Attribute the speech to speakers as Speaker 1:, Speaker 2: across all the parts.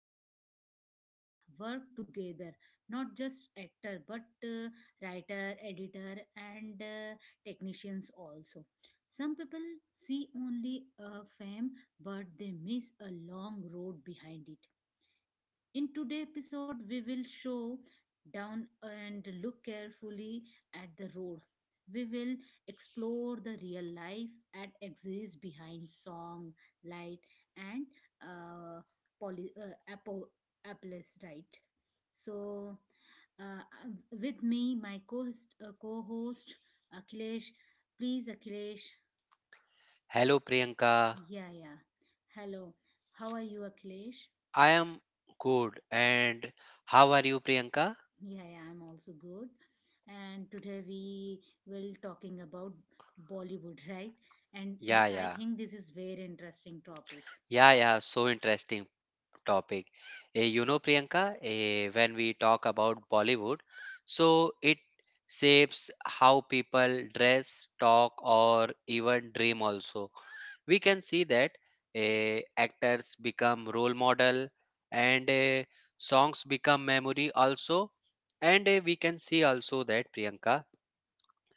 Speaker 1: Thousands of people work together, not just actor, but writer, editor, and technicians also. Some people see only a fame, but they miss a long road behind it. In today's episode, we will show down and look carefully at the road. We will explore the real life that exists behind song, light, and uh, poly, uh, apple, apples, right? So, uh, with me, my co-host Akhilesh. Please, Akhilesh.
Speaker 2: Hello Priyanka.
Speaker 1: Yeah, yeah. Hello. How are you, Akhilesh?
Speaker 2: I am good. And how are you, Priyanka?
Speaker 1: Yeah, yeah, I'm also good. And today we will talking about Bollywood, right? And
Speaker 2: Yeah,
Speaker 1: I
Speaker 2: yeah.
Speaker 1: think this is very interesting topic.
Speaker 2: Yeah, yeah. So interesting topic. You know, Priyanka, when we talk about Bollywood, so it shapes how people dress, talk, or even dream also. We can see that actors become role model and songs become memory also. And we can see also that, Priyanka,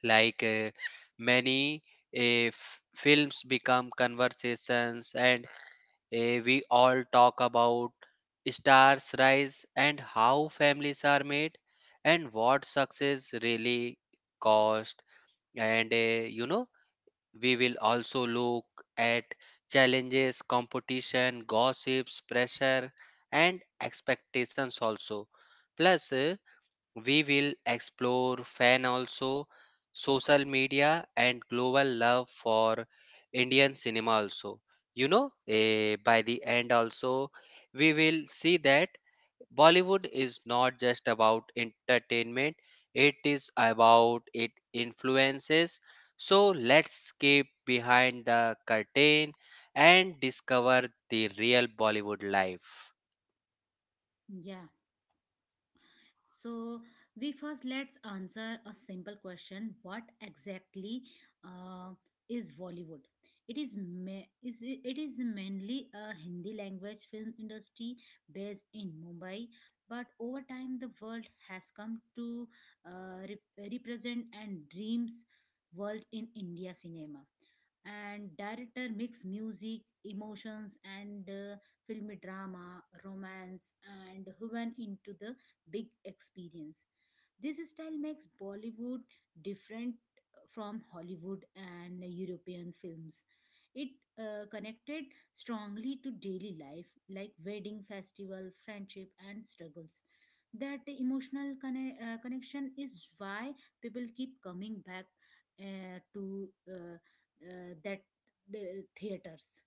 Speaker 2: like many films become conversations, and we all talk about stars rise and how families are made and what success really cost, and you know, we will also look at challenges, competition, gossips, pressure, and expectations also, plus we will explore fan also, social media, and global love for Indian cinema also. You know, by the end also, we will see that Bollywood is not just about entertainment, it is about it influences. So let's skip behind the curtain and discover the real Bollywood life.
Speaker 1: Yeah. So, we first let's answer a simple question. What exactly uh, is Bollywood? It is mainly a Hindi language film industry based in Mumbai, but over time the world has come to represent and dreams world in India cinema. And director mix music, emotions, and filmy drama, romance, and went into the big experience. This style makes Bollywood different from Hollywood and European films. It connected strongly to daily life, like wedding, festival, friendship, and struggles. That emotional connection is why people keep coming back to that the theaters.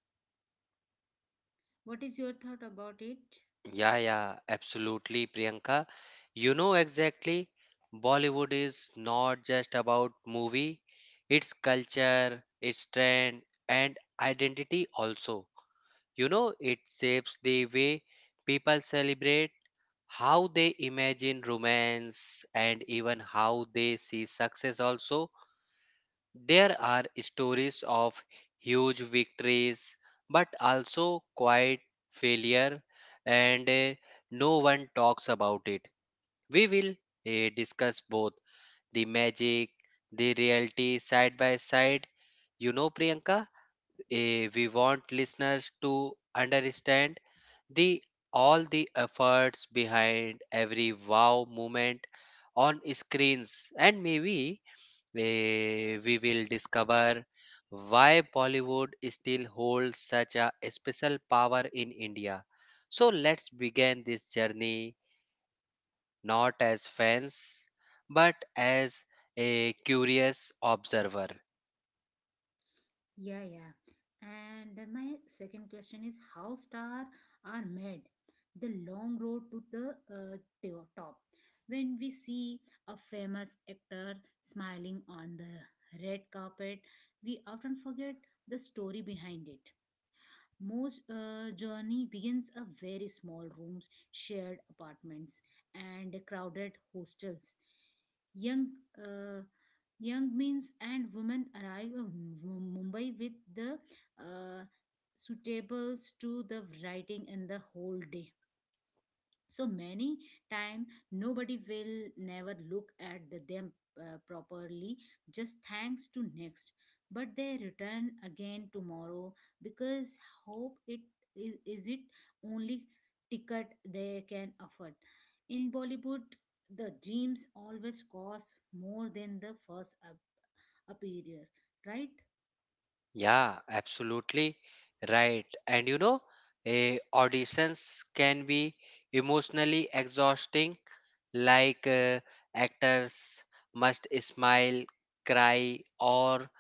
Speaker 1: What is your thought about it?
Speaker 2: Yeah, yeah, absolutely, Priyanka. You know exactly, Bollywood is not just about movie, it's culture, it's trend, and identity also. You know, it shapes the way people celebrate, how they imagine romance, and even how they see success also. There are stories of huge victories, but also quiet failure, and no one talks about it. We will discuss both the magic, the reality side by side. You know, Priyanka, we want listeners to understand the all the efforts behind every wow moment on screens, and maybe where we will discover why Bollywood still holds such a special power in India. So let's begin this journey not as fans but as a curious observer.
Speaker 1: Yeah, yeah. And my second question is how star are made? The long road to the top. When we see a famous actor smiling on the red carpet, we often forget the story behind it. Most journey begins a very small rooms, shared apartments, and crowded hostels. Young uh, Young means and women arrive in Mumbai with the uh, suitables to the writing and the whole day so many time nobody will never look at the them properly just thanks to next, but they return again tomorrow because hope is it only ticket they can afford in Bollywood. The dreams always cost more than the first appear, right?
Speaker 2: Yeah, absolutely right. And you know, auditions can be emotionally exhausting, like actors must smile, cry, or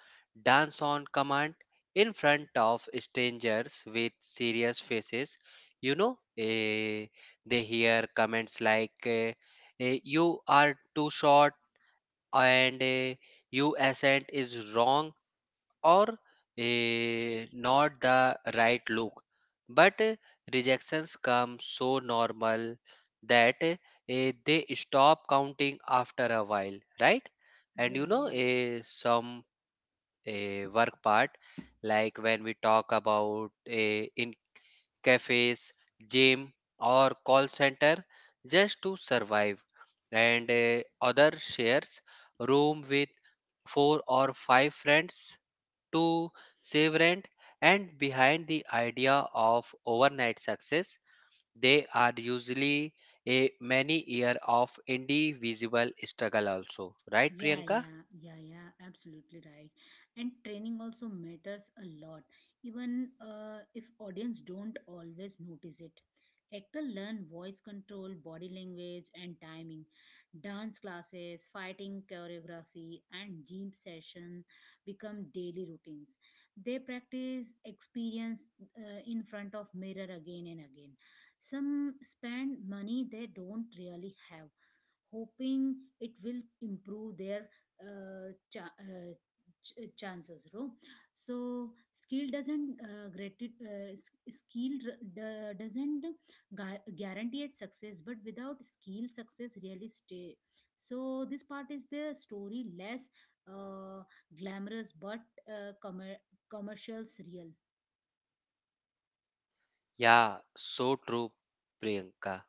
Speaker 2: dance on command in front of strangers with serious faces. You know, they hear comments like, you are too short, and you accent is wrong, or not the right look. But rejections come so normal that they stop counting after a while, right? And you
Speaker 1: Yeah,
Speaker 2: know,
Speaker 1: yeah.
Speaker 2: some work part, like when we talk about in cafes, gym, or call center, just to survive, and other shares room with four or five friends to save rent, and behind the idea of overnight success, they are usually a many year of individual struggle also. Right,
Speaker 1: Yeah,
Speaker 2: Priyanka?
Speaker 1: yeah, yeah, yeah, absolutely right. And training also matters a lot, even if audience don't always notice it. Actor learn voice control, body language, and timing. Dance classes, fighting choreography, and gym session become daily routines. They practice experience in front of mirror again and again. Some spend money they don't really have, hoping it will improve their uh, cha- uh, chances, no? So skill doesn't grati- s- skill r- d- doesn't gu- guarantee it success, but without skill success really stay. So this part is the story less uh, glamorous, but uh, commer commercials real.
Speaker 2: Yeah, so true, Priyanka.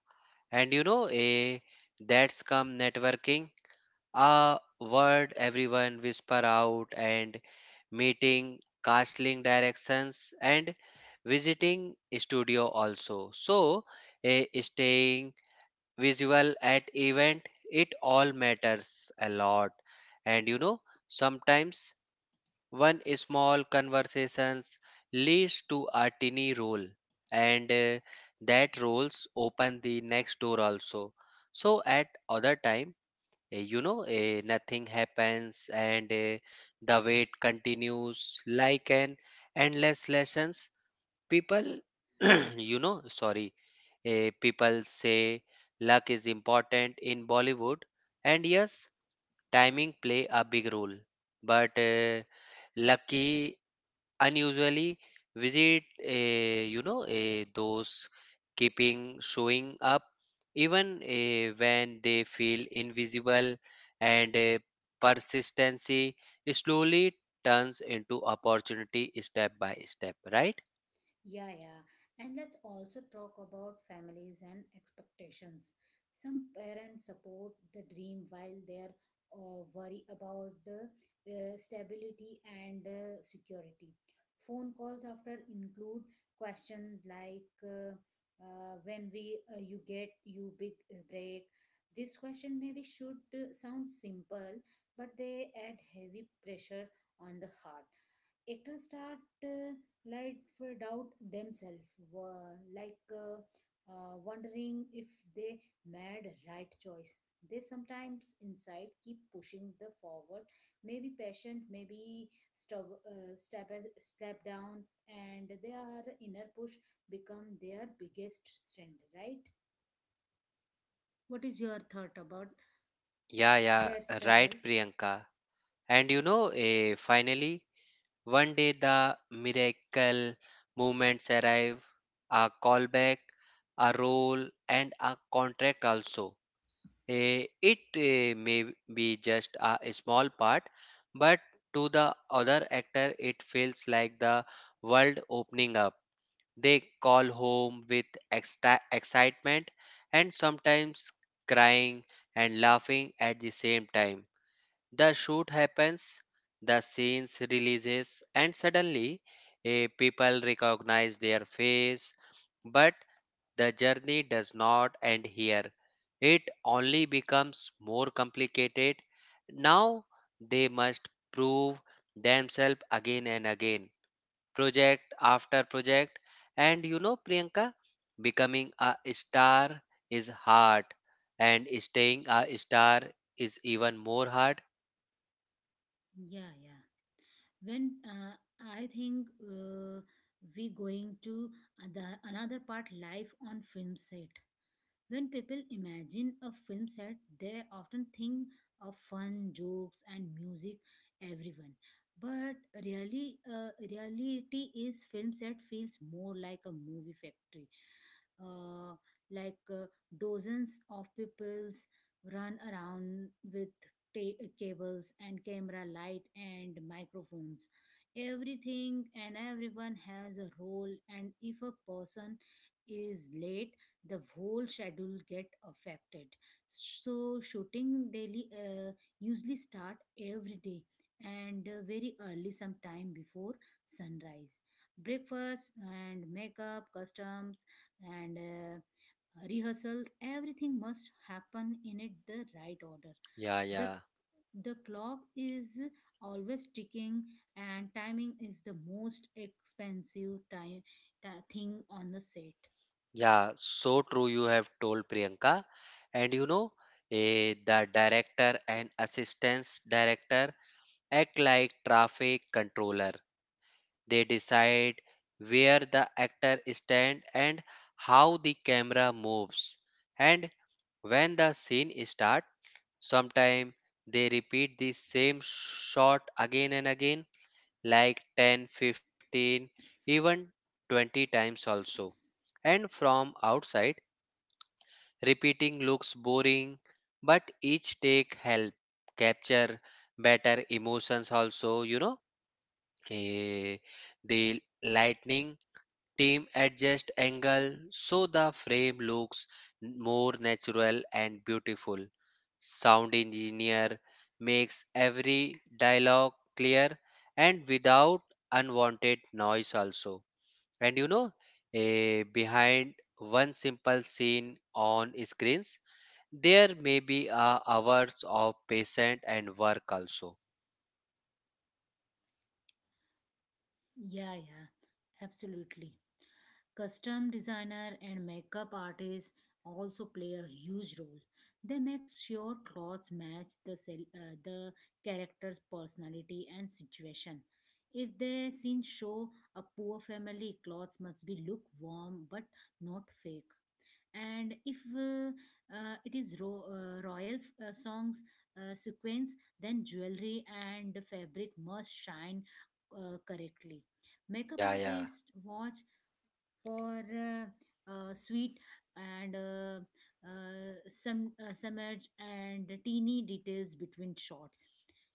Speaker 2: And you know, a that's come networking, a word everyone whisper out, and meeting, casting directions, and visiting studio also. So, a staying visual at event, it all matters a lot. And you know, sometimes one small conversations leads to a tiny role, and that roles open the next door also. So at other time, you know, nothing happens, and the wait continues like an endless lessons people you know, sorry. People say luck is important in Bollywood, and yes, timing play a big role. But lucky unusually visit, you know, those keeping showing up even when they feel invisible, and persistency slowly turns into opportunity step by step. Right?
Speaker 1: Yeah, yeah. And let's also talk about families and expectations. Some parents support the dream while they're worry about the stability and security. Phone calls after include questions like when we you get you big break. This question maybe should sound simple, but they add heavy pressure on the heart. It will start. Life doubt themselves, were like wondering if they made right choice. They sometimes inside keep pushing the forward, maybe patient, maybe stop, step down, and their inner push become their biggest strength. Right? What is your thought about
Speaker 2: Yeah, yeah,
Speaker 1: their
Speaker 2: right,
Speaker 1: struggle?
Speaker 2: Priyanka. And you know, finally, one day the miracle movements arrive, a callback, a role, and a contract also. It may be just a small part, but to the other actor, it feels like the world opening up. They call home with excitement, and sometimes crying and laughing at the same time. The shoot happens, the scenes releases, and suddenly people recognize their face. But the journey does not end here. It only becomes more complicated. Now they must prove themselves again and again, project after project. And you know, Priyanka, becoming a star is hard, and staying a star is even more hard.
Speaker 1: Yeah, yeah. When I think we going to the another part live on film set. When people imagine a film set, they often think of fun, jokes, and music, everyone. But really, reality is film set feels more like a movie factory. Uh, like uh, Dozens of peoples run around with cables and camera light and microphones. Everything and everyone has a role, and if a person is late, the whole schedule get affected. So shooting daily usually start every day and very early sometime before sunrise. Breakfast and makeup customs and rehearsals, everything must happen in it the right order.
Speaker 2: Yeah,
Speaker 1: the
Speaker 2: yeah,
Speaker 1: the clock is always ticking, and timing is the most expensive thing on the set.
Speaker 2: yeah. So true, you have told, Priyanka. And you know, the director and assistant director act like traffic controller. They decide where the actor stand and how the camera moves. And when the scene start, sometimes they repeat the same shot again and again, like 10, 15, even 20 times also. And from outside, repeating looks boring, but each take help capture better emotions also, you know. Eh, the lightning team adjust angle so the frame looks more natural and beautiful. Sound engineer makes every dialogue clear and without unwanted noise also. And you know, behind one simple scene on screens, there may be hours of patient and work also.
Speaker 1: Yeah, yeah, absolutely. Custom designer and makeup artists also play a huge role. They make sure clothes match the character's personality and situation. If the scene show a poor family, clothes must be look warm but not fake, and if it is royal songs sequence, then jewelry and fabric must shine correctly. Makeup
Speaker 2: Yeah, yeah.
Speaker 1: artists watch for sweet and some submerge and teeny details between shots.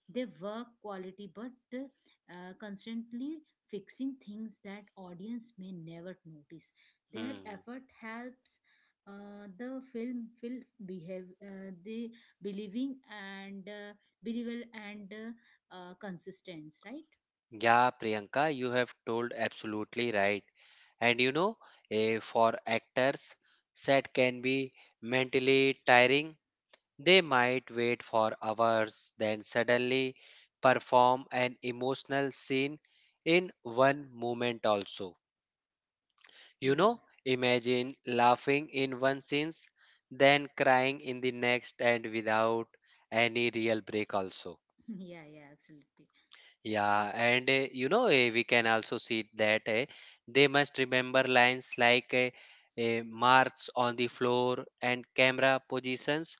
Speaker 1: They work quality, but constantly fixing things that audience may never notice. Their
Speaker 2: Hmm.
Speaker 1: effort helps the film feel behave the believing and believable and consistent, right?
Speaker 2: Yeah, Priyanka, you have told absolutely right. And you know, for actors, set can be mentally tiring. They might wait for hours, then suddenly perform an emotional scene in one moment also. You
Speaker 1: Yeah,
Speaker 2: know, imagine laughing in one sense, then crying in the next, and without any real break, also.
Speaker 1: yeah, yeah, absolutely.
Speaker 2: Yeah, and you know, we can also see that they must remember lines like marks on the floor and camera positions.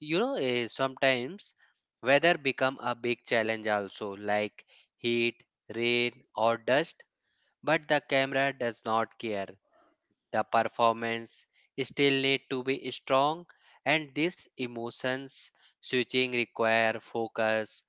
Speaker 2: You know, sometimes weather become a big challenge also, like heat, rain, or dust. But the camera does not care. The performance still need to be strong, and these emotions switching require focus,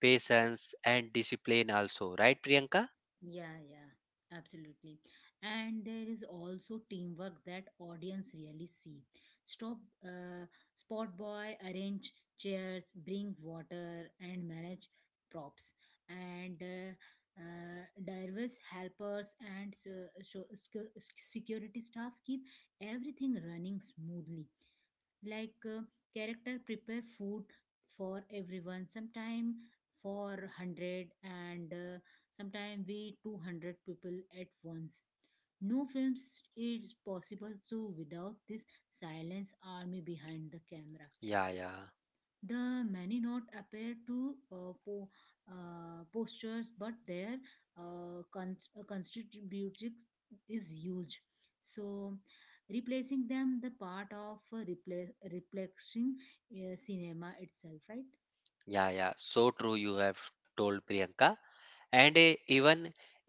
Speaker 2: patience, and discipline also, right, Priyanka?
Speaker 1: Yeah, yeah, absolutely. And there is also teamwork that audience really see. Stop, uh, Spot boy, arrange chairs, bring water, and manage props. And diverse helpers and security staff keep everything running smoothly, like character prepare food for everyone, sometime for 100 and sometime we 200 people at once. No films is possible so without this silence army behind the camera,
Speaker 2: Yeah, yeah,
Speaker 1: the many not appear to postures, but their constitutive is huge. So replacing them the part of replacing cinema itself, right?
Speaker 2: yeah, yeah, so true, you have told, Priyanka. And even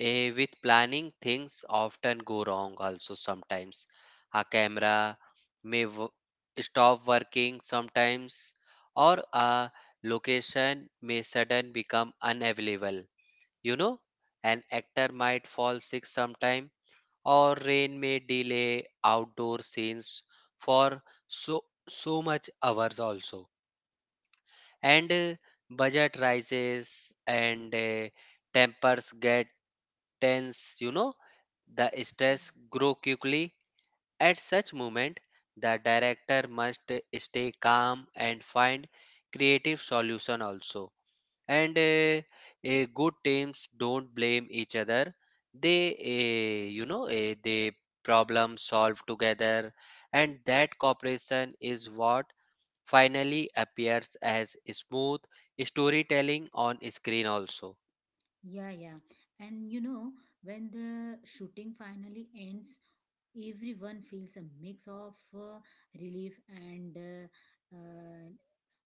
Speaker 2: with planning, things often go wrong also. Sometimes a camera may w- stop working sometimes, or a location may sudden become unavailable. You know, an actor might fall sick sometime, or rain may delay outdoor scenes for so so much hours also. And budget rises, and tempers get tense. You know, the
Speaker 1: Yeah.
Speaker 2: stress grow quickly. At such moment, the director must stay calm and find creative solution also. And good teams don't blame each other. They you know, they problem solve together, and that cooperation is what finally appears as smooth storytelling on screen also.
Speaker 1: Yeah, yeah. And you know, when the shooting finally ends, everyone feels a mix of relief and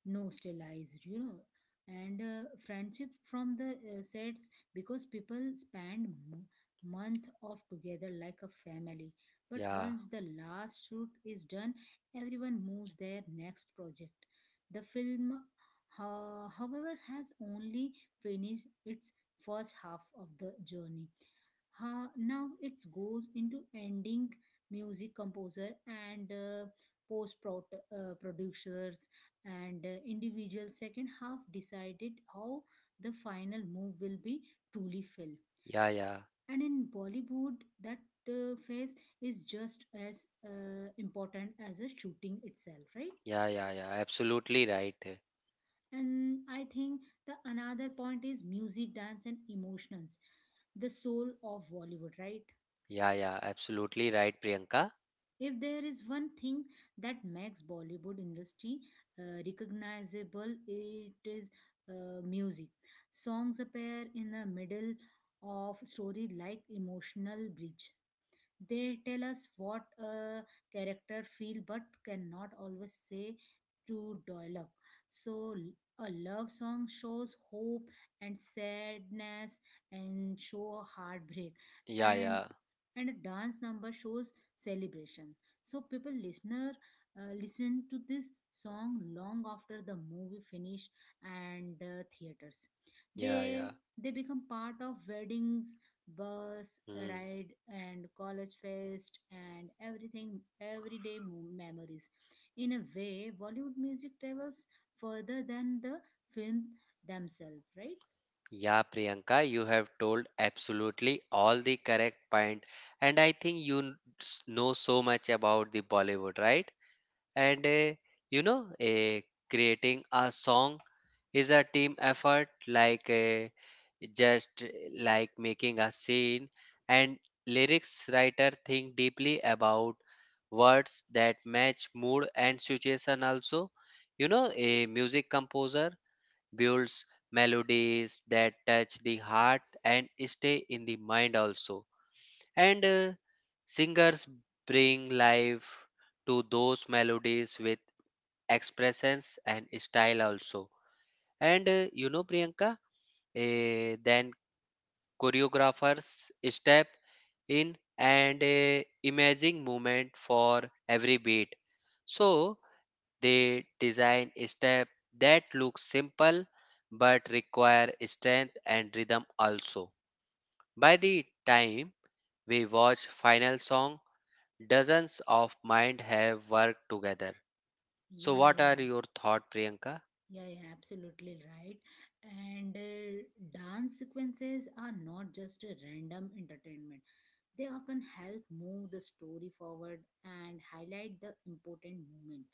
Speaker 1: nostalgized, you know, and friendship from the sets because people spend month of together like a family. But
Speaker 2: Yeah,
Speaker 1: once the last shoot is done, everyone moves their next project. The film, however, has only finished its first half of the journey. Ha, now it goes into ending music composer and post producers and individual second half decided how the final move will be truly felt.
Speaker 2: yeah, yeah,
Speaker 1: And in Bollywood, that phase is just as important as the shooting itself, right?
Speaker 2: yeah, yeah, yeah, absolutely right.
Speaker 1: And I think the another point is music, dance, and emotions, the soul of Bollywood, right?
Speaker 2: Yeah, yeah, absolutely right, Priyanka.
Speaker 1: If there is one thing that makes Bollywood industry recognizable, it is music. Songs appear in the middle of story like emotional bridge. They tell us what a character feel but cannot always say through dialogue. So a love song shows hope and sadness and show a heartbreak,
Speaker 2: Yeah,
Speaker 1: and
Speaker 2: yeah,
Speaker 1: and a dance number shows celebration. So people listener listen to this song long after the movie finish and theaters.
Speaker 2: yeah, yeah.
Speaker 1: They they become part of weddings, bus
Speaker 2: Hmm.
Speaker 1: ride, and college fest, and everything everyday memories. In a way, Bollywood music travels further than the film themselves, right?
Speaker 2: Yeah, Priyanka, you have told absolutely all the correct point, and I think you know so much about the Bollywood, right? And you know, creating a song is a team effort, just like making a scene. And lyrics writer think deeply about words that match mood and situation. Also, you know, a music composer builds melodies that touch the heart and stay in the mind also. And singers bring life to those melodies with expressions and style also. And you know, Priyanka, then choreographers step in and imaging movement for every beat. So they design a step that looks simple but require strength and rhythm also. By the time we watch final song, dozens of mind have worked together. So
Speaker 1: Yeah,
Speaker 2: what are
Speaker 1: yeah.
Speaker 2: your thought, Priyanka?
Speaker 1: Yeah, yeah, absolutely right. And dance sequences are not just a random entertainment. They often help move the story forward and highlight the important moment.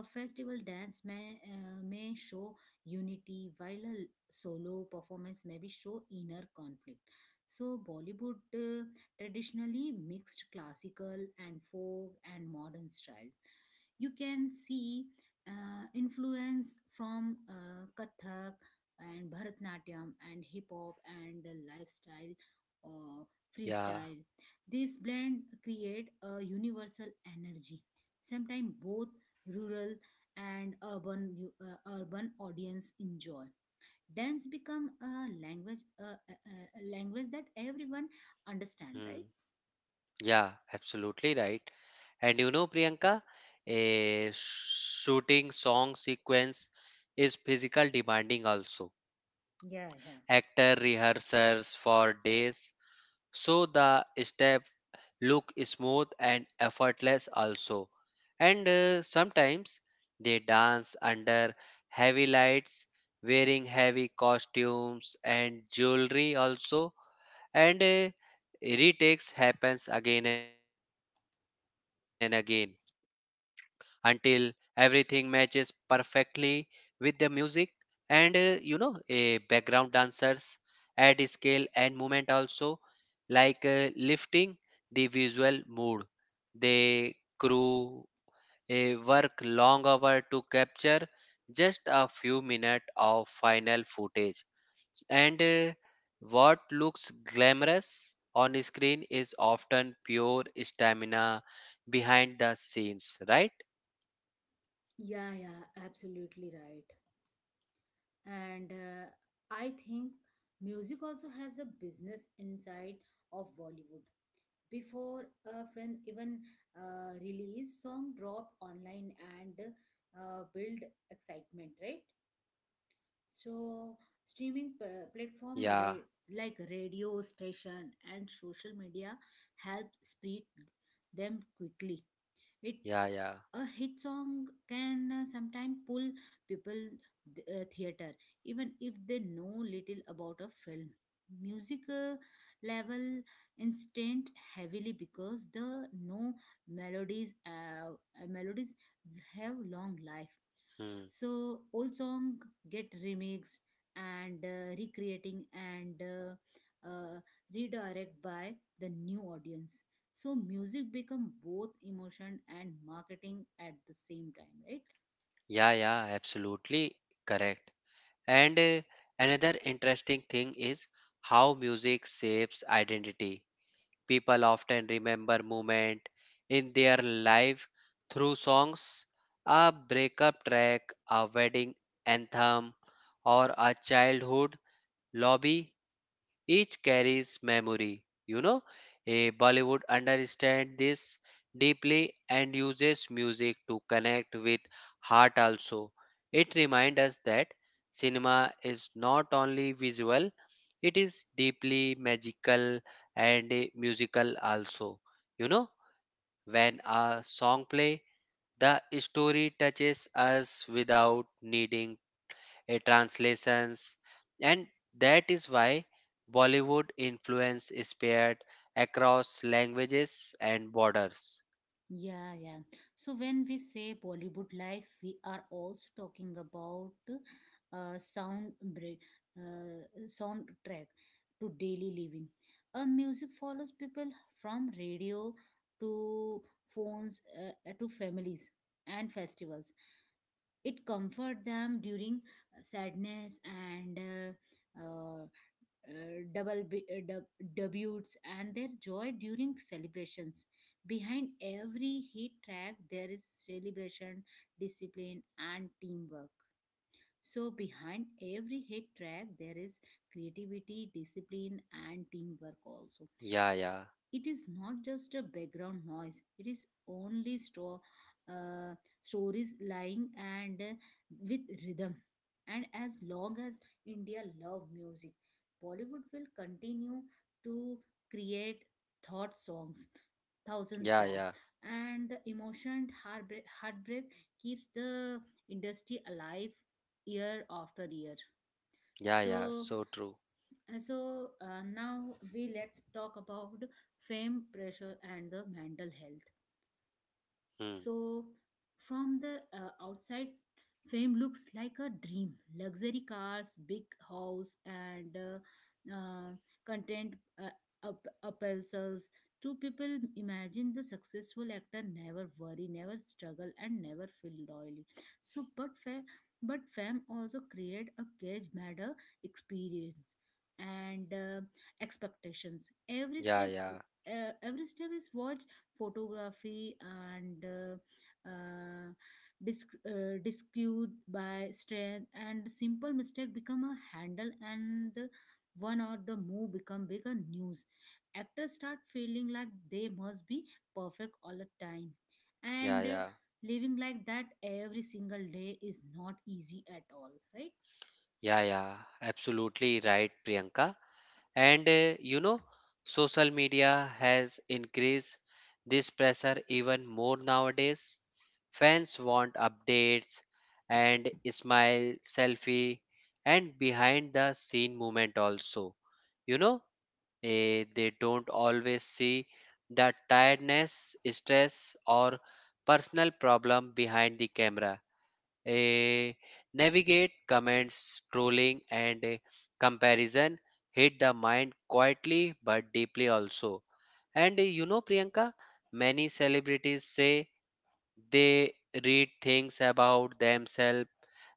Speaker 1: A festival dance may show unity, while a solo performance may be show inner conflict. So Bollywood traditionally mixed classical and folk and modern styles. You can see influence from Kathak and Bharatnatyam and hip hop and the lifestyle
Speaker 2: Yeah.
Speaker 1: freestyle. This blend create a universal energy. Sometimes both rural and urban urban audience enjoy. Dance become a language a language that everyone understand, right?
Speaker 2: Hmm, yeah, absolutely right. And you know, Priyanka, a shooting song sequence is physical demanding also.
Speaker 1: Yeah, yeah.
Speaker 2: Actor rehearsals for days, so the step look smooth and effortless also. And sometimes they dance under heavy lights, wearing heavy costumes and jewelry also. And retakes happens again and again until everything matches perfectly with the music. And you know, a background dancers add scale and movement also, like lifting the visual mood. They crew a work long hour to capture just a few minutes of final footage. And what looks glamorous on screen is often pure stamina behind the scenes, right?
Speaker 1: Yeah, yeah, absolutely right. And I think music also has a business inside of Bollywood. Before a film even release, song drop online and build excitement, right? So streaming platform
Speaker 2: Yeah,
Speaker 1: like radio station and social media help spread them quickly. It
Speaker 2: yeah, yeah.
Speaker 1: a hit song can sometimes pull people theater, even if they know little about a film. Music level instant heavily because the no melodies have long life.
Speaker 2: Hmm.
Speaker 1: So old song get remixed and recreating and redirect by the new audience. So music become both emotion and marketing at the same time, right?
Speaker 2: Yeah, yeah, absolutely correct. And another interesting thing is how music shapes identity. People often remember moment in their life through songs, a breakup track, a wedding anthem, or a childhood lobby. Each carries memory. You know, a Bollywood understands this deeply and uses music to connect with heart also. It reminds us that cinema is not only visual, it is deeply magical and musical also. You know, when a song play, the story touches us without needing a translations, and that is why Bollywood influence is spread across languages and borders.
Speaker 1: Yeah, yeah. So when we say Bollywood life, we are also talking about uh, sound break, soundtrack to daily living. Music follows people from radio to phones to families and festivals. It comfort them during sadness and debuts and their joy during celebrations. Behind every hit track, there is celebration, discipline, and teamwork. So, behind every hit track, there is creativity, discipline, and teamwork also.
Speaker 2: Yeah, yeah,
Speaker 1: It is not just a background noise, it is only store uh, stories lying and with rhythm, and as long as india love music, bollywood will continue to create thought songs, thousand
Speaker 2: yeah,
Speaker 1: song,
Speaker 2: yeah,
Speaker 1: and the emotion heartbreak, keeps the industry alive year after year.
Speaker 2: yeah, yeah.
Speaker 1: So
Speaker 2: So true.
Speaker 1: and so now we let's talk about fame pressure and the mental health.
Speaker 2: Hmm.
Speaker 1: So, from the outside, fame looks like a dream: luxury cars, big house, and content appraisals. Two people imagine the successful actor never worry, never struggle, and never feel lonely. So, but fame also create a cage matter experience and expectations. Every
Speaker 2: Yeah,
Speaker 1: step,
Speaker 2: yeah,
Speaker 1: uh, every step is watched, photography and uh, discued by strength, and simple mistake become a handle, and one or the move become bigger news. Actors start feeling like they must be perfect all the time,
Speaker 2: yeah,
Speaker 1: and
Speaker 2: yeah,
Speaker 1: living like that every single day is not easy at all, right?
Speaker 2: yeah, yeah, absolutely right, Priyanka. And you know, social media has increased this pressure even more nowadays. Fans want updates, and smile, selfie, and behind the scene moment also. You know, they don't always see the tiredness, stress, or personal problem behind the camera. A navigate comments, trolling, and comparison hit the mind quietly but deeply also. And you know, Priyanka, many celebrities say they read things about themselves,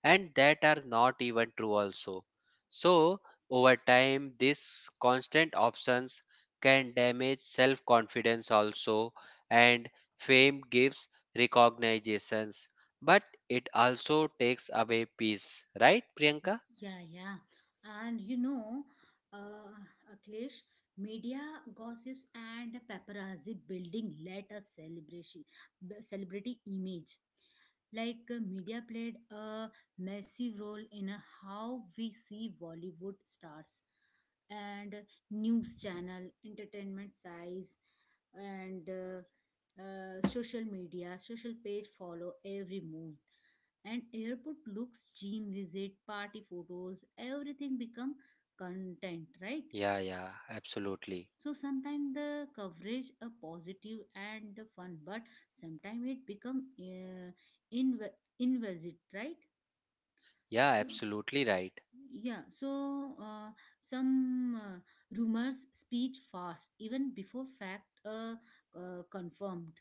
Speaker 2: and that are not even true also. So over time, these constant options can damage self-confidence also, and fame gives recognitions, but it also takes away peace, right, Priyanka?
Speaker 1: Yeah, yeah. And you know, uh, Akhilesh, media gossips and paparazzi building let a celebration, celebrity image. Like media played a massive role in how we see Bollywood stars, and news channel, entertainment size, and social media, social page follow every move, and airport looks, gym visit, party photos, everything become content, right?
Speaker 2: Yeah, yeah, absolutely.
Speaker 1: So sometimes the coverage a positive and fun, but sometimes it become invalid, right?
Speaker 2: Yeah,
Speaker 1: So,
Speaker 2: absolutely right.
Speaker 1: yeah, so some rumors speech fast even before fact confirmed.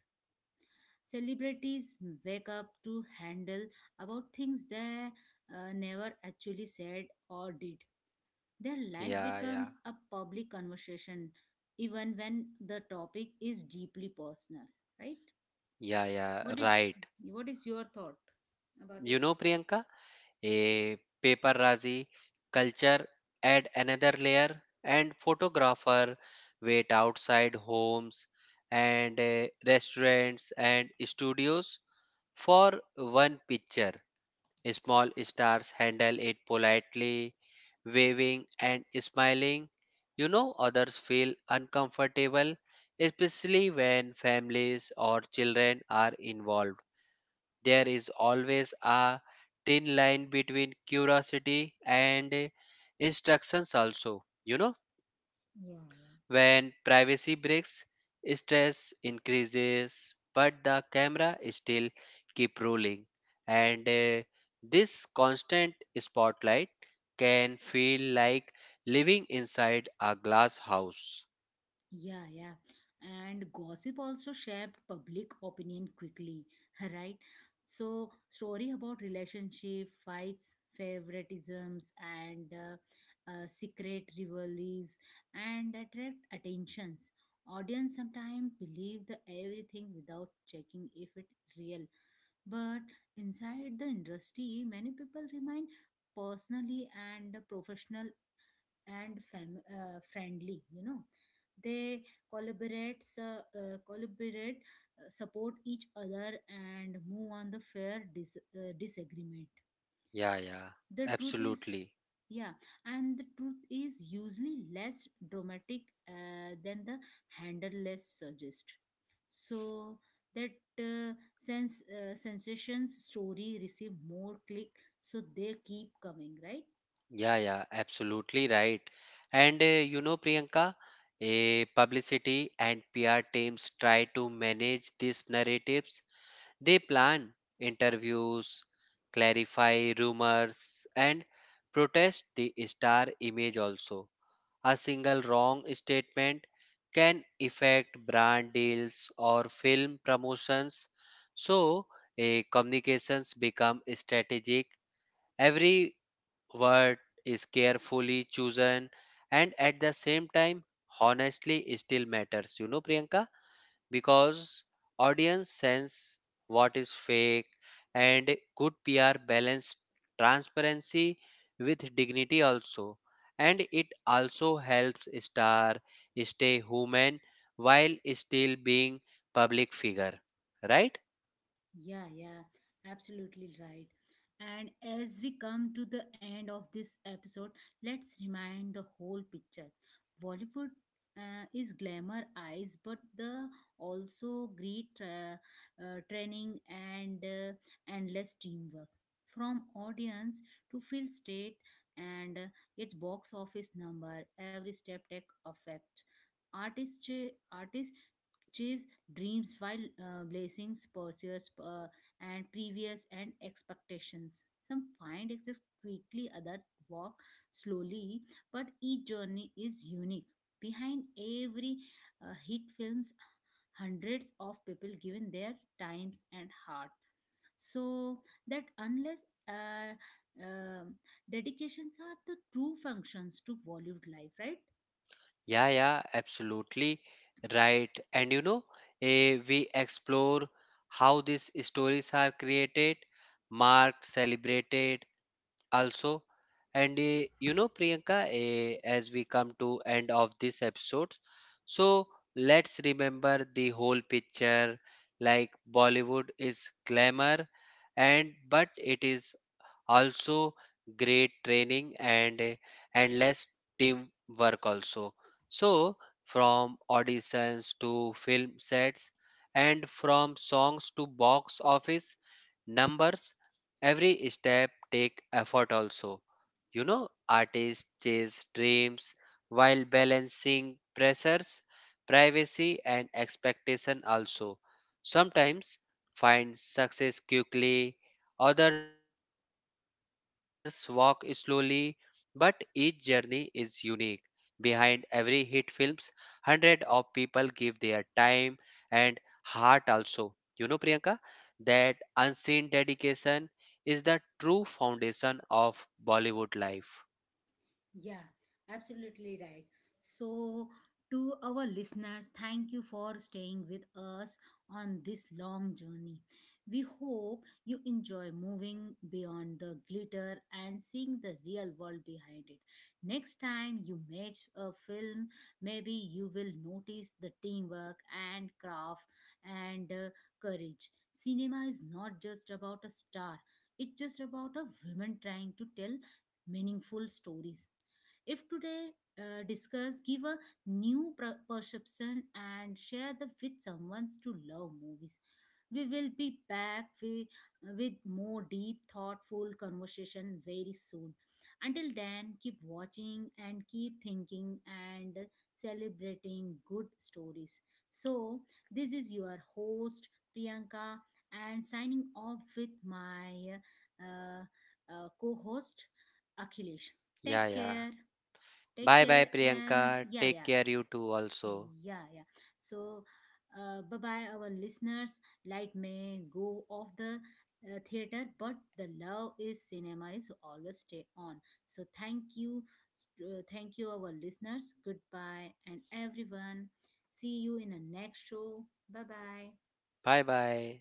Speaker 1: Celebrities wake up to handle about things they never actually said or did. Their life
Speaker 2: Yeah, yeah,
Speaker 1: becomes a public conversation even when the topic is deeply personal, right?
Speaker 2: yeah, yeah,
Speaker 1: What is
Speaker 2: right.
Speaker 1: what is your thought about
Speaker 2: You
Speaker 1: it?
Speaker 2: know, Priyanka, a paparazzi culture add another layer, and photographer wait outside homes and restaurants and studios for one picture. Small stars handle it politely, waving and smiling. You know, others feel uncomfortable, especially when families or children are involved. There is always a thin line between curiosity and instructions, also. You know,
Speaker 1: Yeah, yeah.
Speaker 2: when privacy breaks, stress increases, but the camera still keep rolling. And this constant spotlight can feel like living inside a glass house.
Speaker 1: Yeah, yeah. And gossip also shaped public opinion quickly, right? So, story about relationship, fights, favoritisms, and secret rivalries, and attract attentions. Audience sometimes believe the everything without checking if it's real. But inside the industry, many people remain personally and professional and friendly, you know, they collaborate su- collaborate support each other and move on the fair disagreement.
Speaker 2: Yeah, yeah,
Speaker 1: The truth is
Speaker 2: absolutely.
Speaker 1: Yeah, and the truth is usually less dramatic than the handleless suggest. So that sense sensations story receive more click, so they keep coming, right?
Speaker 2: Yeah, yeah, absolutely right. And you know, Priyanka, a publicity and PR teams try to manage these narratives. They plan interviews, clarify rumors, and protest the star image also. A single wrong statement can affect brand deals or film promotions. So, a communications become strategic. Every word is carefully chosen, and at the same time, honestly still matters, you know, Priyanka, because audience sense what is fake, and good PR balance transparency with dignity also, and it also helps star stay human while still being public figure, right?
Speaker 1: Yeah, yeah, absolutely right. And as we come to the end of this episode, let's remind the whole picture. Bollywood is glamour eyes, but the also great training and endless teamwork, from audience to field state and its box office number. Every step tech affect artists. Artists chase dreams while blazings pursues and previous and expectations. Some find access quickly, others walk slowly, but each journey is unique. Behind every hit films, hundreds of people given their times and heart, so that unless um dedications are the true functions to Bollywood life, right?
Speaker 2: Yeah, yeah, absolutely right. And you know, we explore how these stories are created, marked, celebrated, also. And you know, Priyanka, as we come to end of this episode, so let's remember the whole picture. Like, Bollywood is glamour, and but it is also great training and endless teamwork also. So from auditions to film sets, and from songs to box office numbers, every step take effort also. You know, artists chase dreams while balancing pressures, privacy, and expectation also. Sometimes find success quickly, others walk slowly, but each journey is unique. Behind every hit films, hundred of people give their time and heart also. You know, Priyanka, that unseen dedication is the true foundation of Bollywood life.
Speaker 1: Yeah, absolutely right. So, to our listeners, thank you for staying with us on this long journey. We hope you enjoy moving beyond the glitter and seeing the real world behind it. Next time you match a film, maybe you will notice the teamwork and craft and courage. Cinema is not just about a star, it's just about a woman trying to tell meaningful stories. If today discuss, give a new perception and share the with someone to love movies. We will be back with more deep, thoughtful conversation very soon. Until then, keep watching and keep thinking and celebrating good stories. So, this is your host Priyanka and signing off with my uh, co host Akhilesh.
Speaker 2: Yeah,
Speaker 1: Take
Speaker 2: yeah.
Speaker 1: care. Take
Speaker 2: Bye bye,
Speaker 1: care and
Speaker 2: Priyanka.
Speaker 1: yeah,
Speaker 2: Take
Speaker 1: yeah,
Speaker 2: care, you too, also.
Speaker 1: yeah, yeah. So, bye bye, our listeners. Light may go off the theater, but the love is cinema is always stay on. So, thank you, our listeners. Goodbye, and everyone. See you in the next show. Bye bye.
Speaker 2: Bye bye.